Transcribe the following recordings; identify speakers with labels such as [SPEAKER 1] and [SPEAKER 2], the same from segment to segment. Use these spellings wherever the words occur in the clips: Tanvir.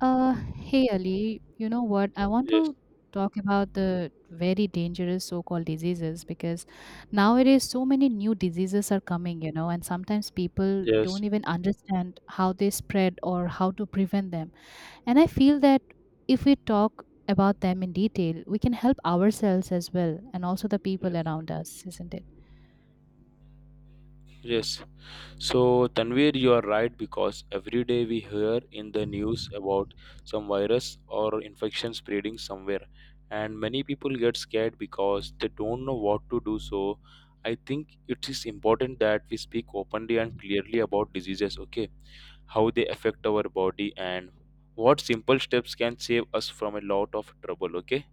[SPEAKER 1] Uh, Hey Ali, you know what? I want
[SPEAKER 2] Yes,
[SPEAKER 1] to talk about the very dangerous so-called diseases because nowadays so many new diseases are coming, you know, and sometimes people
[SPEAKER 2] yes,
[SPEAKER 1] don't even understand how they spread or how to prevent them. And I feel that if we talk about them in detail, we can help ourselves as well and also the people
[SPEAKER 2] yes,
[SPEAKER 1] around us, isn't it?
[SPEAKER 2] yes. So, Tanvir, you are right because every day we hear in the news about some virus or infection spreading somewhere, and many people get scared because they don't know what to do. So, I think it is important that we speak openly and clearly about diseases, okay? How they affect our body and what simple steps can save us from a lot of trouble, okay?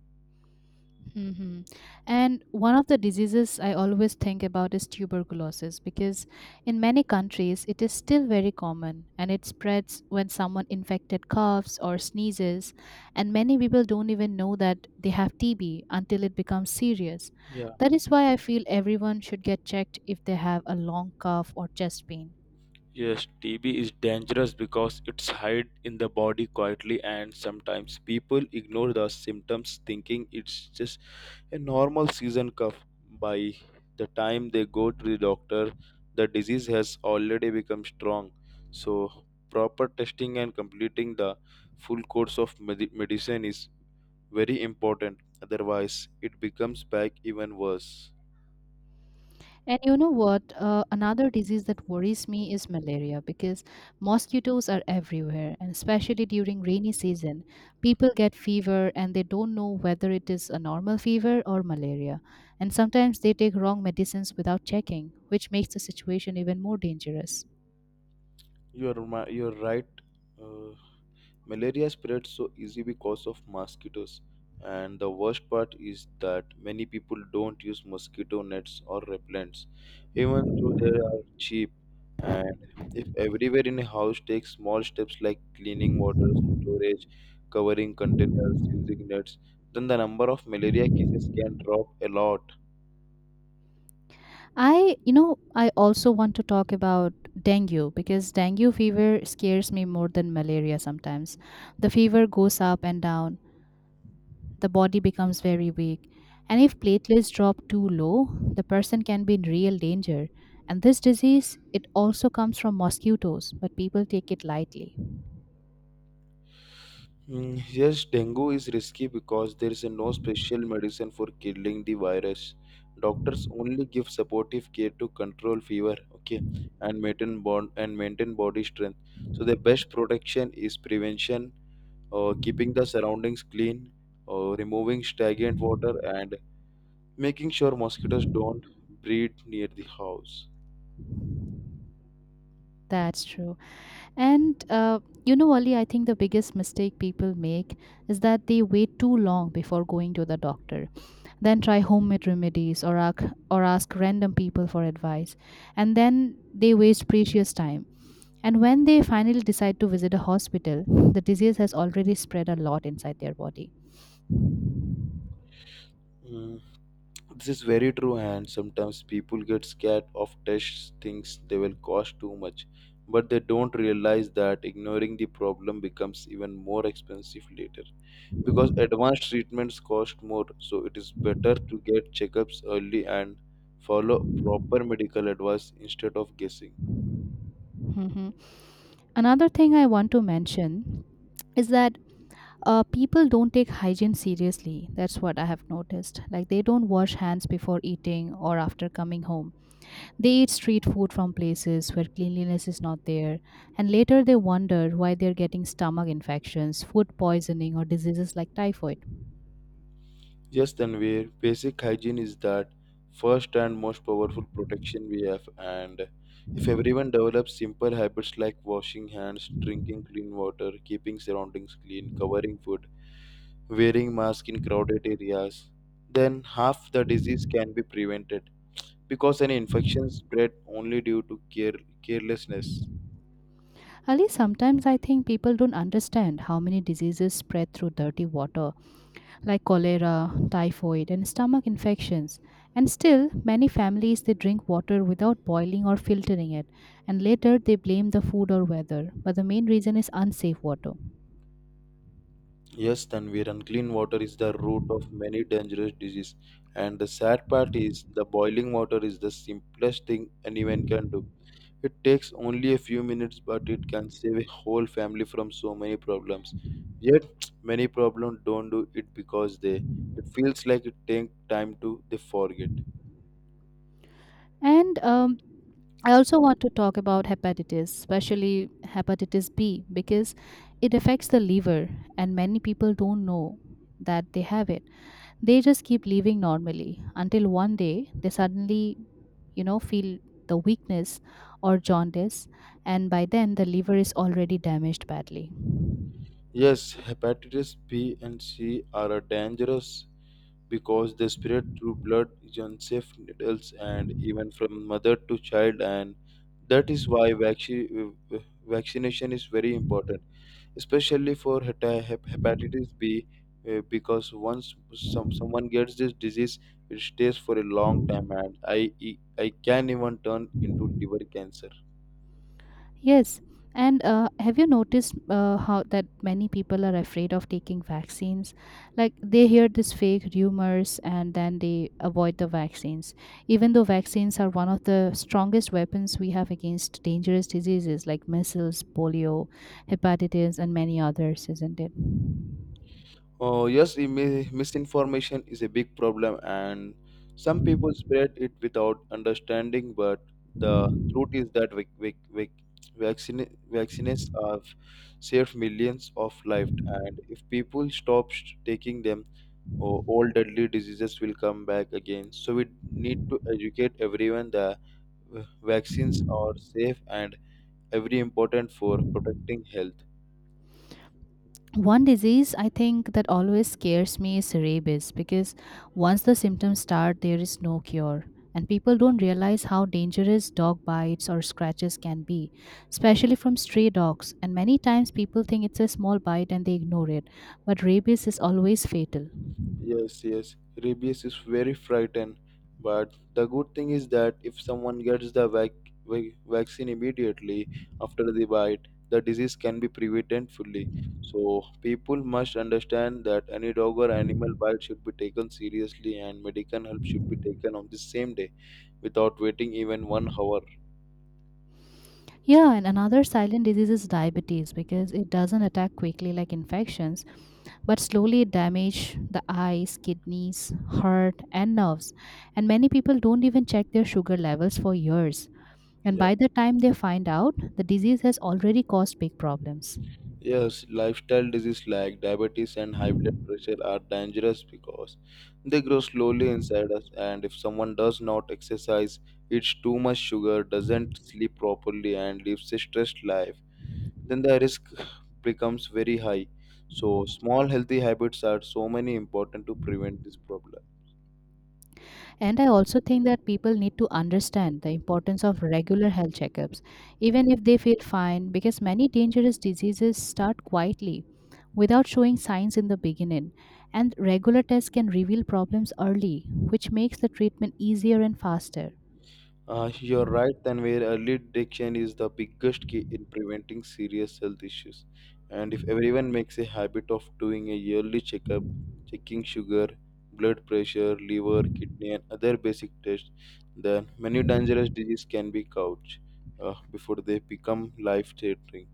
[SPEAKER 1] Hmm. And one of the diseases I always think about is tuberculosis because in many countries it is still very common and it spreads when someone infected coughs or sneezes. And many people don't even know that they have TB until it becomes serious.
[SPEAKER 2] Yeah.
[SPEAKER 1] That is why I feel everyone should get checked if they have a long cough or chest pain.
[SPEAKER 2] Yes, TB is dangerous because it's hide in the body quietly and sometimes people ignore the symptoms thinking it's just a normal season cough. By the time they go to the doctor, the disease has already become strong. So proper testing and completing the full course of medicine is very important. Otherwise, it becomes back even worse.
[SPEAKER 1] And you know what? Another disease that worries me is malaria because mosquitoes are everywhere, and especially during rainy season, people get fever and they don't know whether it is a normal fever or malaria. And sometimes they take wrong medicines without checking, which makes the situation even more dangerous.
[SPEAKER 2] You're right. Uh, Malaria spreads so easy because of mosquitoes, and the worst part is that many people don't use mosquito nets or repellents, even though they are cheap. And if everywhere in a house takes small steps like cleaning water storage, covering containers, using nets, then the number of malaria cases can drop a lot.
[SPEAKER 1] I also want to talk about dengue because dengue fever scares me more than malaria sometimes. The fever goes up and down, the body becomes very weak. And if platelets drop too low, the person can be in real danger. And this disease, it also comes from mosquitoes, but people take it lightly.
[SPEAKER 2] Mm, yes, dengue is risky because there is no special medicine for killing the virus. Doctors only give supportive care to control fever, okay, and maintain bond and maintain body strength. So the best protection is prevention, keeping the surroundings clean, removing stagnant water, and making sure mosquitoes don't breed near the house.
[SPEAKER 1] That's true. And you know, Ali, I think the biggest mistake people make is that they wait too long before going to the doctor, then try homemade remedies or ask random people for advice, and then they waste precious time. And when they finally decide to visit a hospital, the disease has already spread a lot inside their body.
[SPEAKER 2] Mm, this is very true, and sometimes people get scared of tests, things they will cost too much, but they don't realize that ignoring the problem becomes even more expensive later because advanced treatments cost more. So it is better to get checkups early and follow proper medical advice instead of guessing.
[SPEAKER 1] Mhm. Another thing I want to mention is that people don't take hygiene seriously. That's what I have noticed. Like they don't wash hands before eating or after coming home. They eat street food from places where cleanliness is not there. And later they wonder why they're getting stomach infections, food poisoning, or diseases like typhoid.
[SPEAKER 2] Yes, Tanvir, basic hygiene is that first and most powerful protection we have, and if everyone develops simple habits like washing hands, drinking clean water, keeping surroundings clean, covering food, wearing masks in crowded areas, then half the disease can be prevented because an infection spread only due to carelessness.
[SPEAKER 1] Ali, sometimes I think people don't understand how many diseases spread through dirty water, like cholera, typhoid, and stomach infections. And still, many families they drink water without boiling or filtering it, and later they blame the food or weather. But the main reason is unsafe water.
[SPEAKER 2] Yes, Tanvir, unclean water is the root of many dangerous diseases. And the sad part is, the boiling water is the simplest thing anyone can do. It takes only a few minutes, but it can save a whole family from so many problems. Yet, many problems don't do it because they it feels like it takes time to they forget.
[SPEAKER 1] And I also want to talk about hepatitis, especially hepatitis B, because it affects the liver, and many people don't know that they have it. They just keep living normally until one day they suddenly, you know, feel the weakness or jaundice, and by then the liver is already damaged badly.
[SPEAKER 2] Yes, hepatitis B and C are a dangerous because they spread through blood, unsafe needles, and even from mother to child. And that is why vaccination is very important, especially for hepatitis B, because once someone gets this disease, it stays for a long time, and I can even turn into liver cancer.
[SPEAKER 1] Yes. And have you noticed how that many people are afraid of taking vaccines? Like they hear these fake rumors and then they avoid the vaccines. Even though vaccines are one of the strongest weapons we have against dangerous diseases like measles, polio, hepatitis, and many others, isn't it?
[SPEAKER 2] Oh, yes, misinformation is a big problem, and some people spread it without understanding. But the truth is that vaccines have saved millions of lives, and if people stop taking them, oh, all deadly diseases will come back again. So we need to educate everyone that uh, vaccines are safe and every important for protecting health.
[SPEAKER 1] One disease I think that always scares me is rabies because once the symptoms start, there is no cure. And people don't realize how dangerous dog bites or scratches can be, especially from stray dogs. And many times people think it's a small bite and they ignore it. But rabies is always fatal.
[SPEAKER 2] Yes, yes. Rabies is very frightened, but the good thing is that if someone gets the vaccine immediately after the bite, the disease can be prevented fully. So people must understand that any dog or animal bite should be taken seriously, and medical help should be taken on the same day, without waiting even 1 hour.
[SPEAKER 1] Yeah. And another silent disease is diabetes because it doesn't attack quickly like infections, but slowly damage the eyes, kidneys, heart, and nerves. And many people don't even check their sugar levels for years. And
[SPEAKER 2] Yeah.
[SPEAKER 1] by the time they find out, the disease has already caused big problems.
[SPEAKER 2] Yes, lifestyle disease like diabetes and high blood pressure are dangerous because they grow slowly inside us, and if someone does not exercise, eats too much sugar, doesn't sleep properly, and lives a stressed life, then the risk becomes very high. So, small healthy habits are so many important to prevent this problem.
[SPEAKER 1] And I also think that people need to understand the importance of regular health checkups, even if they feel fine, because many dangerous diseases start quietly without showing signs in the beginning. And regular tests can reveal problems early, which makes the treatment easier and faster.
[SPEAKER 2] You're right, and where early detection is the biggest key in preventing serious health issues. And if everyone makes a habit of doing a yearly checkup, checking sugar, blood pressure, liver, kidney, and other basic tests, then many dangerous diseases can be caught before they become life-threatening.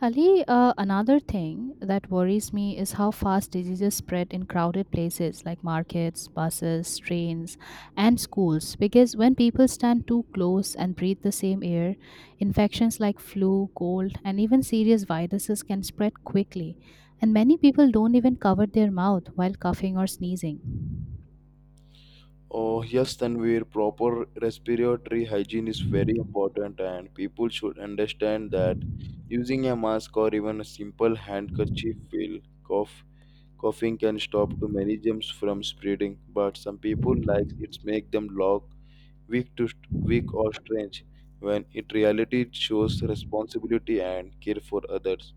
[SPEAKER 1] Ali, another thing that worries me is how fast diseases spread in crowded places like markets, buses, trains, and schools. Because when people stand too close and breathe the same air, infections like flu, cold, and even serious viruses can spread quickly. And many people don't even cover their mouth while coughing or sneezing.
[SPEAKER 2] Oh, yes, Tanvir, proper respiratory hygiene is very important, and people should understand that using a mask or even a simple handkerchief will cough. Coughing can stop too many germs from spreading, but some people like it make them look weak to weak or strange, when in reality it shows responsibility and care for others.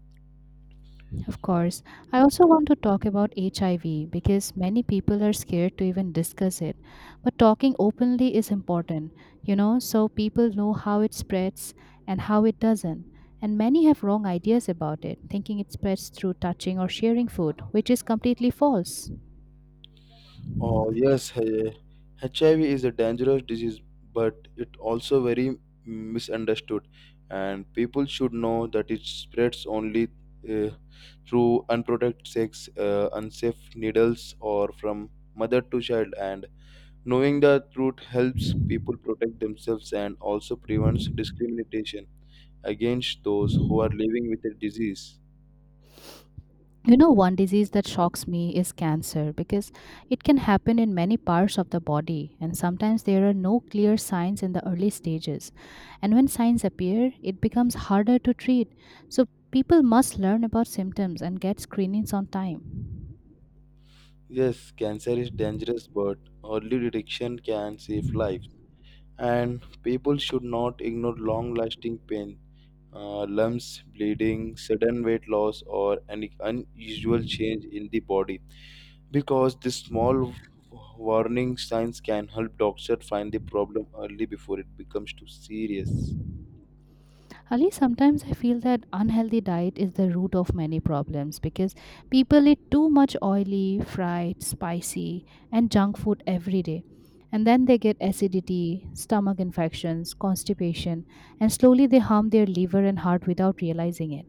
[SPEAKER 1] Of course. I also want to talk about HIV because many people are scared to even discuss it. But talking openly is important, you know, so people know how it spreads and how it doesn't. And many have wrong ideas about it, thinking it spreads through touching or sharing food, which is completely false.
[SPEAKER 2] Oh yes, HIV is a dangerous disease, but it also very misunderstood, and people should know that it spreads only uh, through unprotected sex, unsafe needles, or from mother to child. And knowing the truth helps people protect themselves and also prevents discrimination against those who are living with the disease.
[SPEAKER 1] You know, one disease that shocks me is cancer because it can happen in many parts of the body, and sometimes there are no clear signs in the early stages. And when signs appear, it becomes harder to treat. So, people must learn about symptoms and get screenings on time.
[SPEAKER 2] Yes, cancer is dangerous, but early detection can save life, and people should not ignore long lasting pain. Lumps, bleeding, sudden weight loss, or any unusual change in the body because the small warning signs can help doctor find the problem early before it becomes too serious.
[SPEAKER 1] Ali, sometimes I feel that unhealthy diet is the root of many problems because people eat too much oily, fried, spicy, and junk food every day. And then they get acidity, stomach infections, constipation, and slowly they harm their liver and heart without realizing it.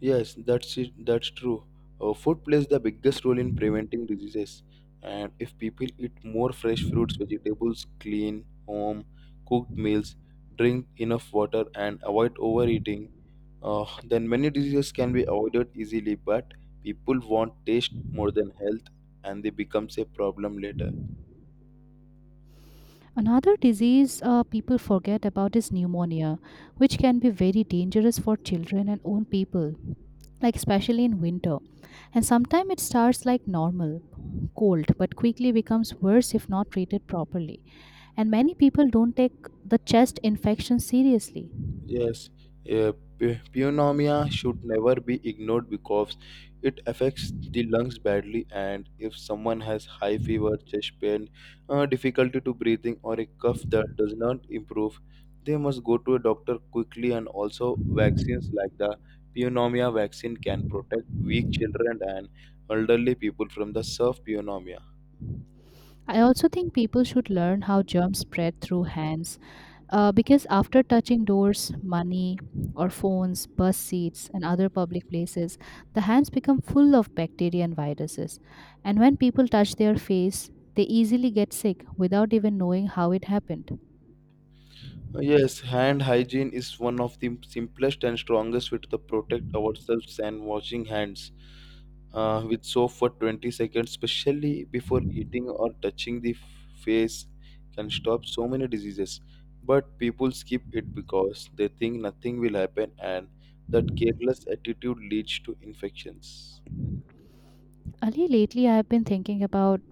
[SPEAKER 2] Yes, that's it. That's true. Food plays the biggest role in preventing diseases, and if people eat more fresh fruits, vegetables, clean home cooked meals, drink enough water, and avoid overeating, then many diseases can be avoided easily. But people want taste more than health, and they becomes a problem later.
[SPEAKER 1] Another disease people forget about is pneumonia, which can be very dangerous for children and old people, like especially in winter. And sometimes it starts like normal cold, but quickly becomes worse if not treated properly. And many people don't take the chest infection seriously.
[SPEAKER 2] Yes, yeah, pneumonia should never be ignored because it affects the lungs badly, and if someone has high fever, chest pain, difficulty to breathing, or a cough that does not improve, they must go to a doctor quickly. And also, vaccines like the pneumonia vaccine can protect weak children and elderly people from the severe pneumonia.
[SPEAKER 1] I also think people should learn how germs spread through hands because after touching doors, money, or phones, bus seats, and other public places, the hands become full of bacteria and viruses. And when people touch their face, they easily get sick without even knowing how it happened.
[SPEAKER 2] Yes, hand hygiene is one of the simplest and strongest way to protect ourselves and washing hands with soap for 20 seconds, especially before eating or touching the face, can stop so many diseases. But people skip it because they think nothing will happen, and that careless attitude leads to infections.
[SPEAKER 1] Ali, lately I have been thinking about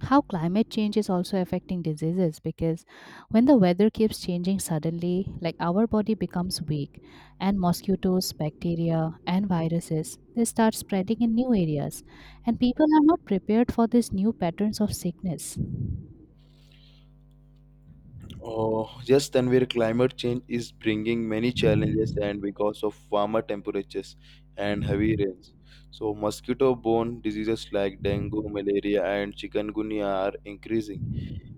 [SPEAKER 1] how climate change is also affecting diseases because when the weather keeps changing suddenly, like our body becomes weak, and mosquitoes, bacteria, and viruses they start spreading in new areas, and people are not prepared for these new patterns of sickness.
[SPEAKER 2] Oh, yes, Tanvir, climate change is bringing many challenges and because of warmer temperatures and heavy rains. So, mosquito borne diseases like dengue, malaria, and chikungunya are increasing.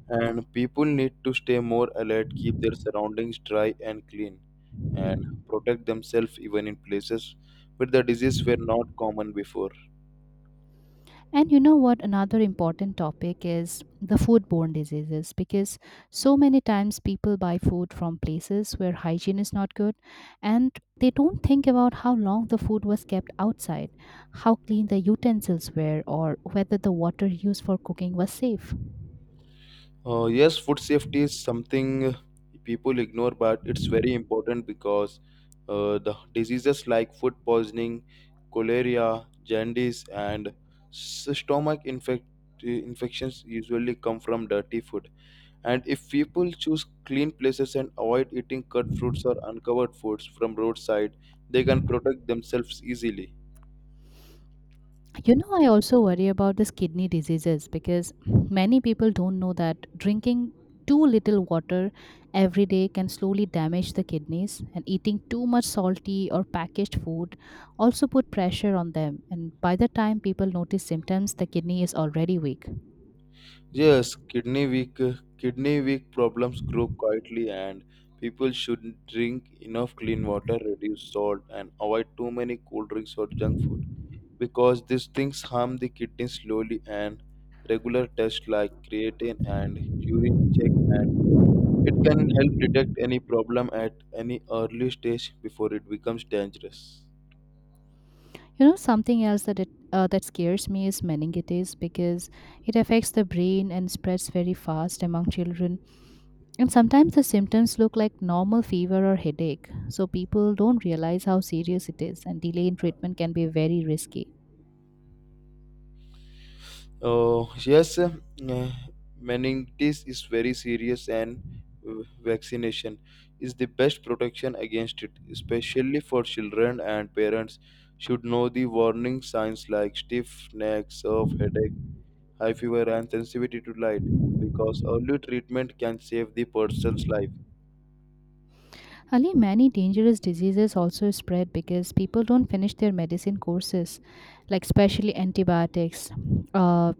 [SPEAKER 2] And people need to stay more alert, keep their surroundings dry and clean, and protect themselves even in places where the disease were not common before.
[SPEAKER 1] And you know what? Another important topic is the foodborne diseases because so many times people buy food from places where hygiene is not good, and they don't think about how long the food was kept outside, how clean the utensils were, or whether the water used for cooking was safe.
[SPEAKER 2] Yes, food safety is something people ignore, but it's very important because the diseases like food poisoning, cholera, jaundice, and stomach infections usually come from dirty food. And if people choose clean places and avoid eating cut fruits or uncovered foods from roadside, they can protect themselves easily.
[SPEAKER 1] You know, I also worry about this kidney diseases because many people don't know that drinking too little water every day can slowly damage the kidneys, and eating too much salty or packaged food also put pressure on them. And by the time people notice symptoms, the kidney is already weak.
[SPEAKER 2] Yes, kidney weak problems grow quietly and people should drink enough clean water, reduce salt and avoid too many cold drinks or junk food because these things harm the kidney slowly and regular tests like creatine and urine check and it can help detect any problem at any early stage before it becomes dangerous.
[SPEAKER 1] You know, something else that scares me is meningitis because it affects the brain and spreads very fast among children. And sometimes the symptoms look like normal fever or headache, so people don't realize how serious it is, and delay in treatment can be very risky.
[SPEAKER 2] Oh yes, meningitis is very serious, and vaccination is the best protection against it, especially for children and parents. Should know the warning signs like stiff neck, of headache, high fever, and sensitivity to light, because early treatment can save the person's life.
[SPEAKER 1] Ali, many dangerous diseases also spread because people don't finish their medicine courses, like especially antibiotics. Uh,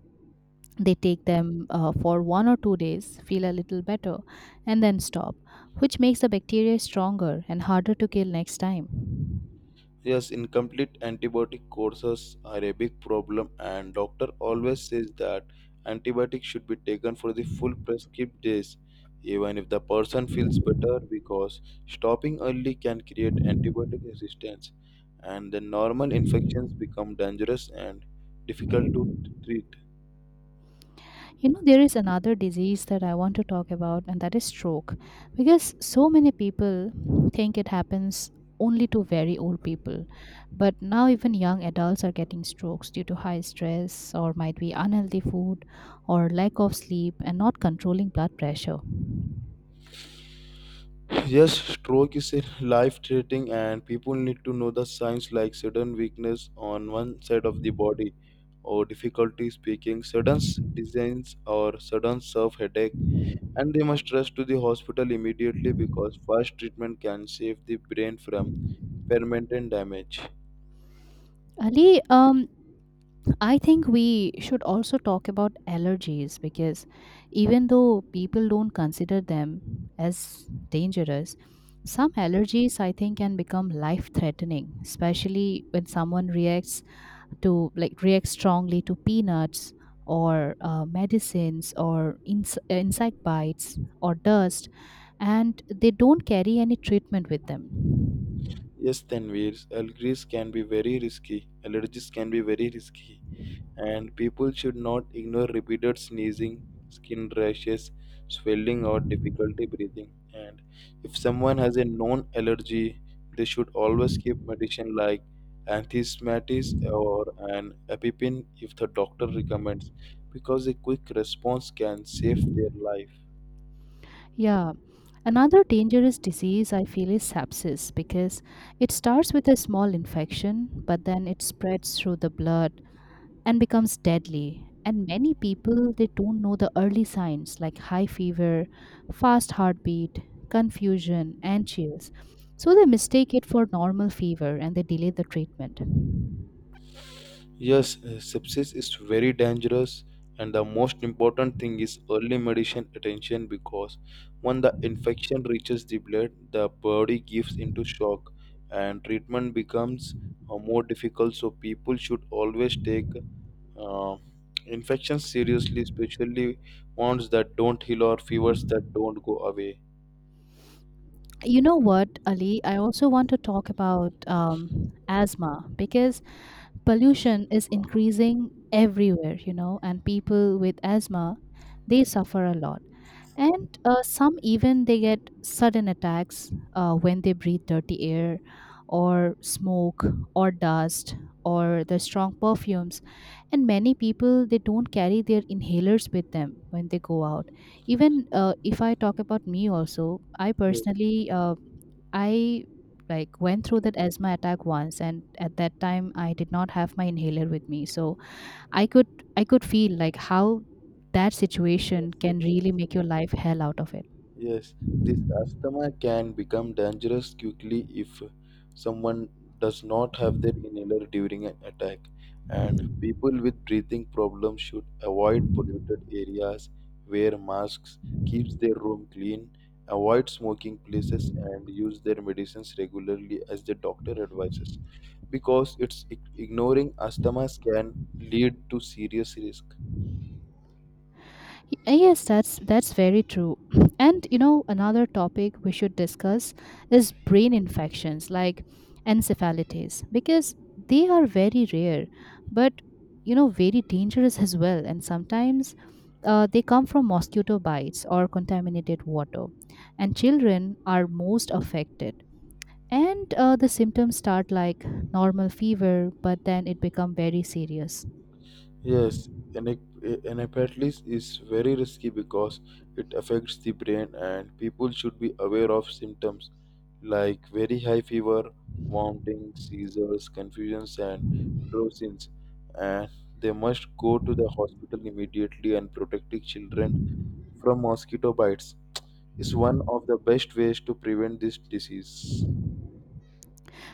[SPEAKER 1] they take them for one or two days, feel a little better, and then stop, which makes the bacteria stronger and harder to kill next time.
[SPEAKER 2] Yes, incomplete antibiotic courses are a big problem, and doctor always says that antibiotics should be taken for the full prescribed days, even if the person feels better, because stopping early can create antibiotic resistance, and the normal infections become dangerous and difficult to treat.
[SPEAKER 1] You know, there is another disease that I want to talk about, and that is stroke. Because so many people think it happens only to very old people. But now, even young adults are getting strokes due to high stress, or might be unhealthy food, or lack of sleep, and not controlling blood pressure.
[SPEAKER 2] Yes, stroke is life threatening, and people need to know the signs like sudden weakness on one side of the body, or difficulty speaking, dizziness, or sudden self headache. And they must rush to the hospital immediately because fast treatment can save the brain from permanent damage.
[SPEAKER 1] Ali, I think we should also talk about allergies because even though people don't consider them as dangerous, some allergies I think can become life threatening, especially when someone reacts to reacts strongly to peanuts or medicines or insect bites or dust, and they don't carry any treatment with them.
[SPEAKER 2] Yes, Tanvir, Allergies can be very risky, and people should not ignore repeated sneezing, skin rashes, swelling, or difficulty breathing. And if someone has a known allergy, they should always keep medicine like anthistamitis or an epipen if the doctor recommends, because a quick response can save their life.
[SPEAKER 1] Yeah. Another dangerous disease I feel is sepsis because it starts with a small infection, but then it spreads through the blood and becomes deadly. And many people, they don't know the early signs like high fever, fast heartbeat, confusion, and chills. So they mistake it for normal fever and they delay the treatment.
[SPEAKER 2] Yes, sepsis is very dangerous, and the most important thing is early medicine attention because when the infection reaches the blood, the body gives into shock and treatment becomes more difficult. So, people should always take uh, infections seriously, especially ones that don't heal or fevers that don't go away.
[SPEAKER 1] You know what, Ali? I also want to talk about asthma because pollution is
[SPEAKER 2] Yes,
[SPEAKER 1] increasing everywhere, you know, and people with asthma they suffer a lot, and some even they get sudden attacks when they breathe dirty air or smoke or dust or the strong perfumes, and many people they don't carry their inhalers with them when they go out, even if I talk about me also I
[SPEAKER 2] yes,
[SPEAKER 1] personally I went through that asthma attack once, and at that time I did not have my inhaler with me. So I could I could feel like how that
[SPEAKER 2] yes,
[SPEAKER 1] situation
[SPEAKER 2] yes.
[SPEAKER 1] can really make your life hell out of it.
[SPEAKER 2] Yes, this asthma can become dangerous quickly if someone does not have their inhaler during an attack. And people with breathing problems should avoid polluted areas, wear masks, keep their room clean, avoid smoking places, and use their medicines regularly as the doctor advises. Because it's ignoring asthma can lead to serious risk.
[SPEAKER 1] Yes, that's very true. And you know, another topic we should discuss is brain infections like encephalitis because they are very rare, but you know, very dangerous as well. And sometimes they come from mosquito bites or contaminated water, and children are most affected. And the symptoms start like normal fever, but then it become very serious.
[SPEAKER 2] Yes, anec- is very risky because it affects the brain, and people should be aware of symptoms like very high fever, vomiting, seizures, confusions, and drowsiness. And they must go to the hospital immediately, and protecting children from mosquito bites is one of the best ways to prevent this disease.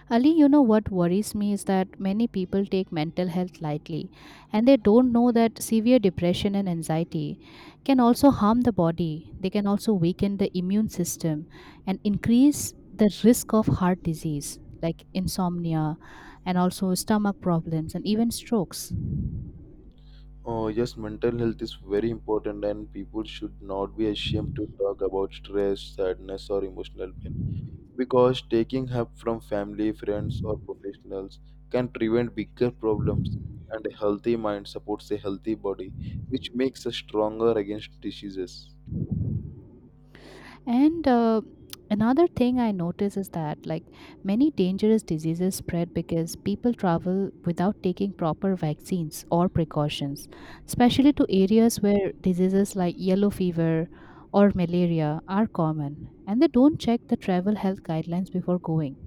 [SPEAKER 1] Ali, you know what worries me is that many people take mental health lightly and they don't know that severe depression and anxiety can also harm the body. They can also weaken the immune system and increase the risk of heart disease like insomnia and also stomach problems and even strokes.
[SPEAKER 2] Oh, yes, mental health is very important, and people should not be ashamed to talk about stress, sadness, or emotional pain, because taking help from family, friends, or professionals can prevent bigger problems. And a healthy mind supports a healthy body, which makes us stronger against diseases.
[SPEAKER 1] And another thing I notice is that, many dangerous diseases spread because people travel without taking proper vaccines or precautions, especially to areas where diseases like yellow fever or malaria are common, and they don't check the travel health guidelines before going.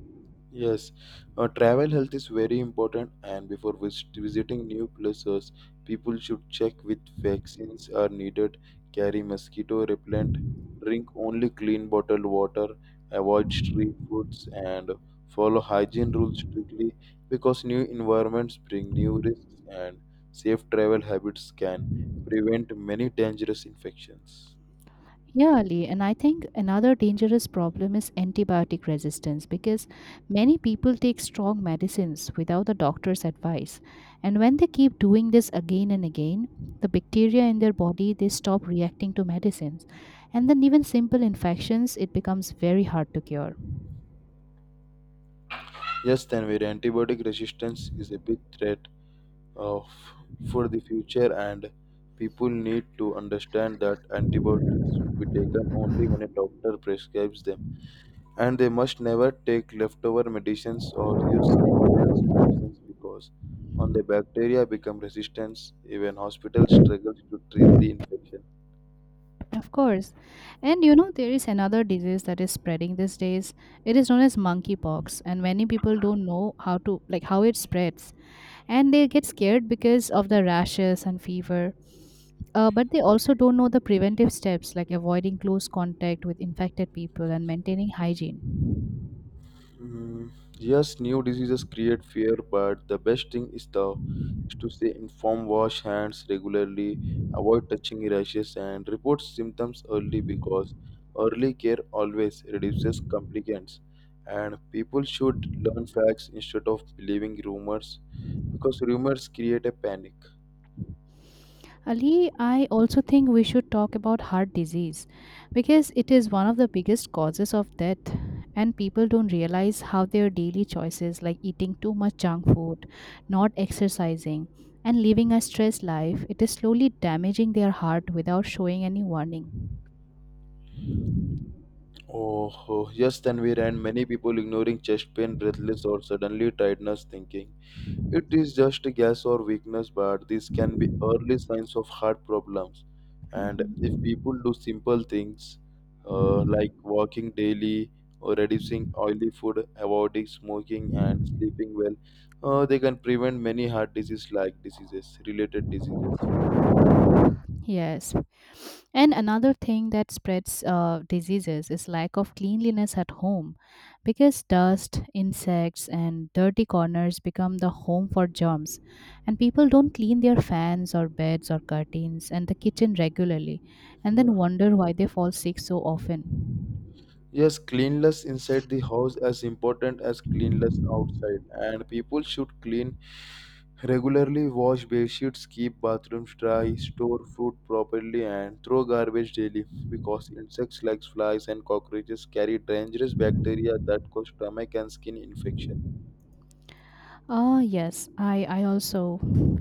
[SPEAKER 2] Yes, travel health is very important, and before visiting new places, people should check which vaccines are needed, carry mosquito repellent, drink only clean bottled water, avoid street foods, and follow hygiene rules strictly, because new environments bring new risks, and safe travel habits can prevent many dangerous infections.
[SPEAKER 1] Yeah, Ali, and I think another dangerous problem is antibiotic resistance because many people take strong medicines without the doctor's advice. And when they keep doing this again and again, the bacteria in their body they stop reacting to medicines. And then even simple infections it becomes very hard to cure.
[SPEAKER 2] Yes, Tanvir, antibiotic resistance is a big threat of for the future, and people need to understand that antibiotics should be taken only when a doctor prescribes them, and they must never take leftover medicines or use someone else's medicines, because on the bacteria become resistant even hospitals struggle to treat the infection.
[SPEAKER 1] Of course. And you know there is another disease that is spreading these days. It is known as monkeypox and many people don't know how to how it spreads and they get scared because of the rashes and fever. But they also don't know the preventive steps like avoiding close contact with infected people and maintaining hygiene.
[SPEAKER 2] Mm, yes, new diseases create fear, but the best thing is the is to stay informed, wash hands regularly, avoid touching rashes, and report symptoms early, because early care always reduces complications. And people should learn facts instead of believing rumors, because rumors create a panic.
[SPEAKER 1] Ali, I also think we should talk about heart disease because it is one of the biggest causes of death, and people don't realize how their daily choices like eating too much junk food, not exercising, and living a stressed life, it is slowly damaging their heart without showing any warning.
[SPEAKER 2] Oh, yes, then we ran many people ignoring chest pain, breathless, or suddenly tiredness, thinking it is just a guess or weakness, but this can be early signs of heart problems. And if
[SPEAKER 1] Mhm.
[SPEAKER 2] people do simple things like walking daily or reducing oily food, avoiding smoking, and sleeping well, they can prevent many heart disease like diseases, related diseases.
[SPEAKER 1] Yes. And another thing that spreads diseases is lack of cleanliness at home because dust, insects, and dirty corners become the home for germs. And people don't clean their fans or beds or curtains and the kitchen regularly and then
[SPEAKER 2] Yeah.
[SPEAKER 1] wonder why they fall sick so often.
[SPEAKER 2] Yes, cleanliness inside the house as important as cleanliness outside, and people should clean regularly, wash bed sheets, keep bathrooms dry, store food properly, and throw garbage daily, because insects like flies and cockroaches carry dangerous bacteria that cause stomach and skin infection.
[SPEAKER 1] Ah, yes, I also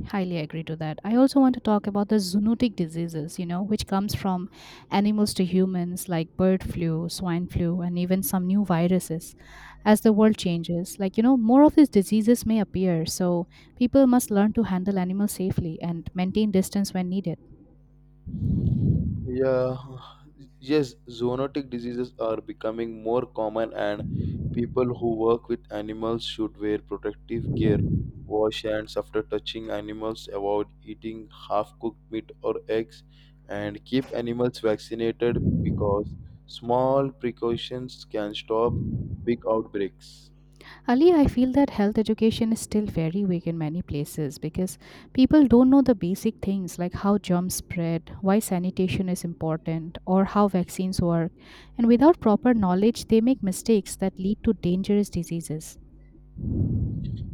[SPEAKER 1] highly agree to that. I also want to talk about the zoonotic diseases, you know, which comes from animals to humans like bird flu, swine flu, and even some new viruses. As the world changes, you know, more of these diseases may appear, so people must learn to handle animals safely and maintain distance when needed.
[SPEAKER 2] Yeah, yes, zoonotic diseases are becoming more common, and people who work with animals should wear protective gear, wash hands after touching animals, avoid eating half cooked meat or eggs, and keep animals vaccinated, because small precautions can stop big outbreaks.
[SPEAKER 1] Ali, I feel that health education is still very weak in many places because people don't know the basic things like how germs spread, why sanitation is important, or how vaccines work. And without proper knowledge, they make mistakes that lead to dangerous diseases.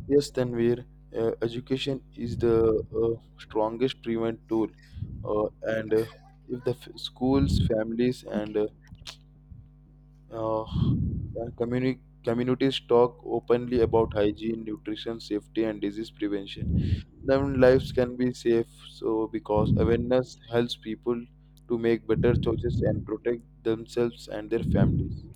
[SPEAKER 2] Yes, Tanvir, education is the strongest prevent tool, and if the schools, families, and uh, and communities talk openly about hygiene, nutrition, safety, and disease prevention, then lives can be safe. So, because awareness helps people to make better choices and protect themselves and their families.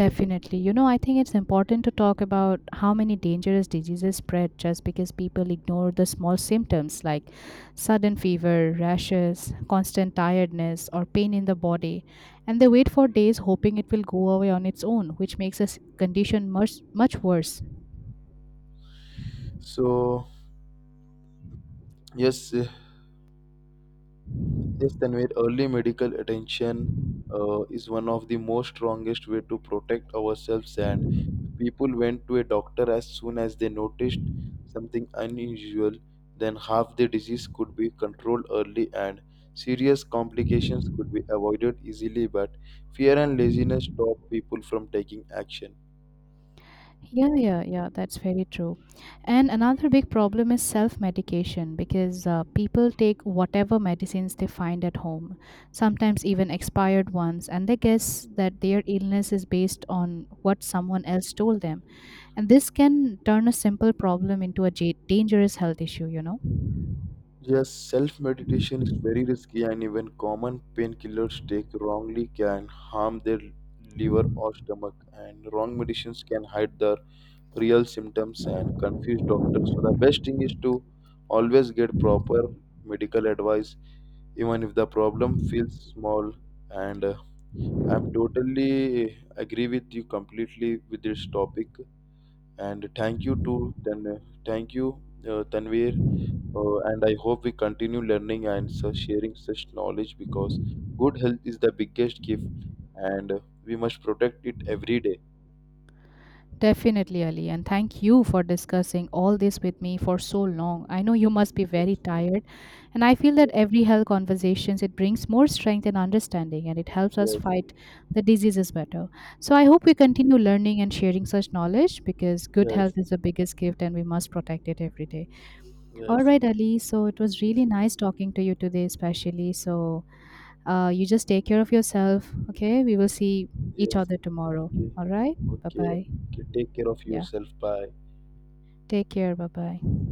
[SPEAKER 2] Okay.
[SPEAKER 1] You know, I think it's important to talk about how many dangerous diseases spread just because people ignore the small symptoms like sudden fever, rashes, constant tiredness, or pain in the body. And they wait for days hoping it will go away on its own, which makes a condition much, much worse.
[SPEAKER 2] So, yes, Yes, Tanvir, early medical attention is one of the most strongest way to protect ourselves. And if people went to a doctor as soon as they noticed something unusual, then half the disease could be controlled early and serious complications could be avoided easily. But fear and laziness stop people from taking action.
[SPEAKER 1] Yeah, yeah, yeah, that's very true. And another big problem is self medication because people take whatever medicines they find at home, sometimes even expired ones, and they guess that their illness is based on what someone else told them. And this can turn a simple problem into a dangerous health issue, you know?
[SPEAKER 2] Yes, self meditation is very risky, and even common painkillers taken wrongly can harm their liver or stomach. And wrong medicines can hide the real symptoms and confuse doctors. So, the best thing is to always get proper medical advice, even if the problem feels small. And I'm totally agree with you completely with this topic. And thank you, Tanvir, and I hope we continue learning and so sharing such knowledge, because good health is the biggest gift, and we must protect it every day.
[SPEAKER 1] Definitely, Ali, and thank you for discussing all this with me for so long. I know you must be very
[SPEAKER 2] Yes,
[SPEAKER 1] tired, and I feel that every health conversations it brings more strength and understanding, and it helps us
[SPEAKER 2] yes,
[SPEAKER 1] fight the diseases better. So I hope we continue learning and sharing such knowledge because good health
[SPEAKER 2] yes,
[SPEAKER 1] is the biggest gift, and we must protect it every day. All
[SPEAKER 2] yes,
[SPEAKER 1] right,
[SPEAKER 2] yes,
[SPEAKER 1] Ali. So it was
[SPEAKER 2] yes.
[SPEAKER 1] really nice talking to you today, especially. So you just take care of yourself. Okay, we will see each
[SPEAKER 2] Yes.
[SPEAKER 1] other tomorrow.
[SPEAKER 2] Okay,
[SPEAKER 1] All right. Bye
[SPEAKER 2] okay,
[SPEAKER 1] bye.
[SPEAKER 2] okay. Take care of
[SPEAKER 1] Yeah.
[SPEAKER 2] yourself. Bye.
[SPEAKER 1] Take care. Bye bye.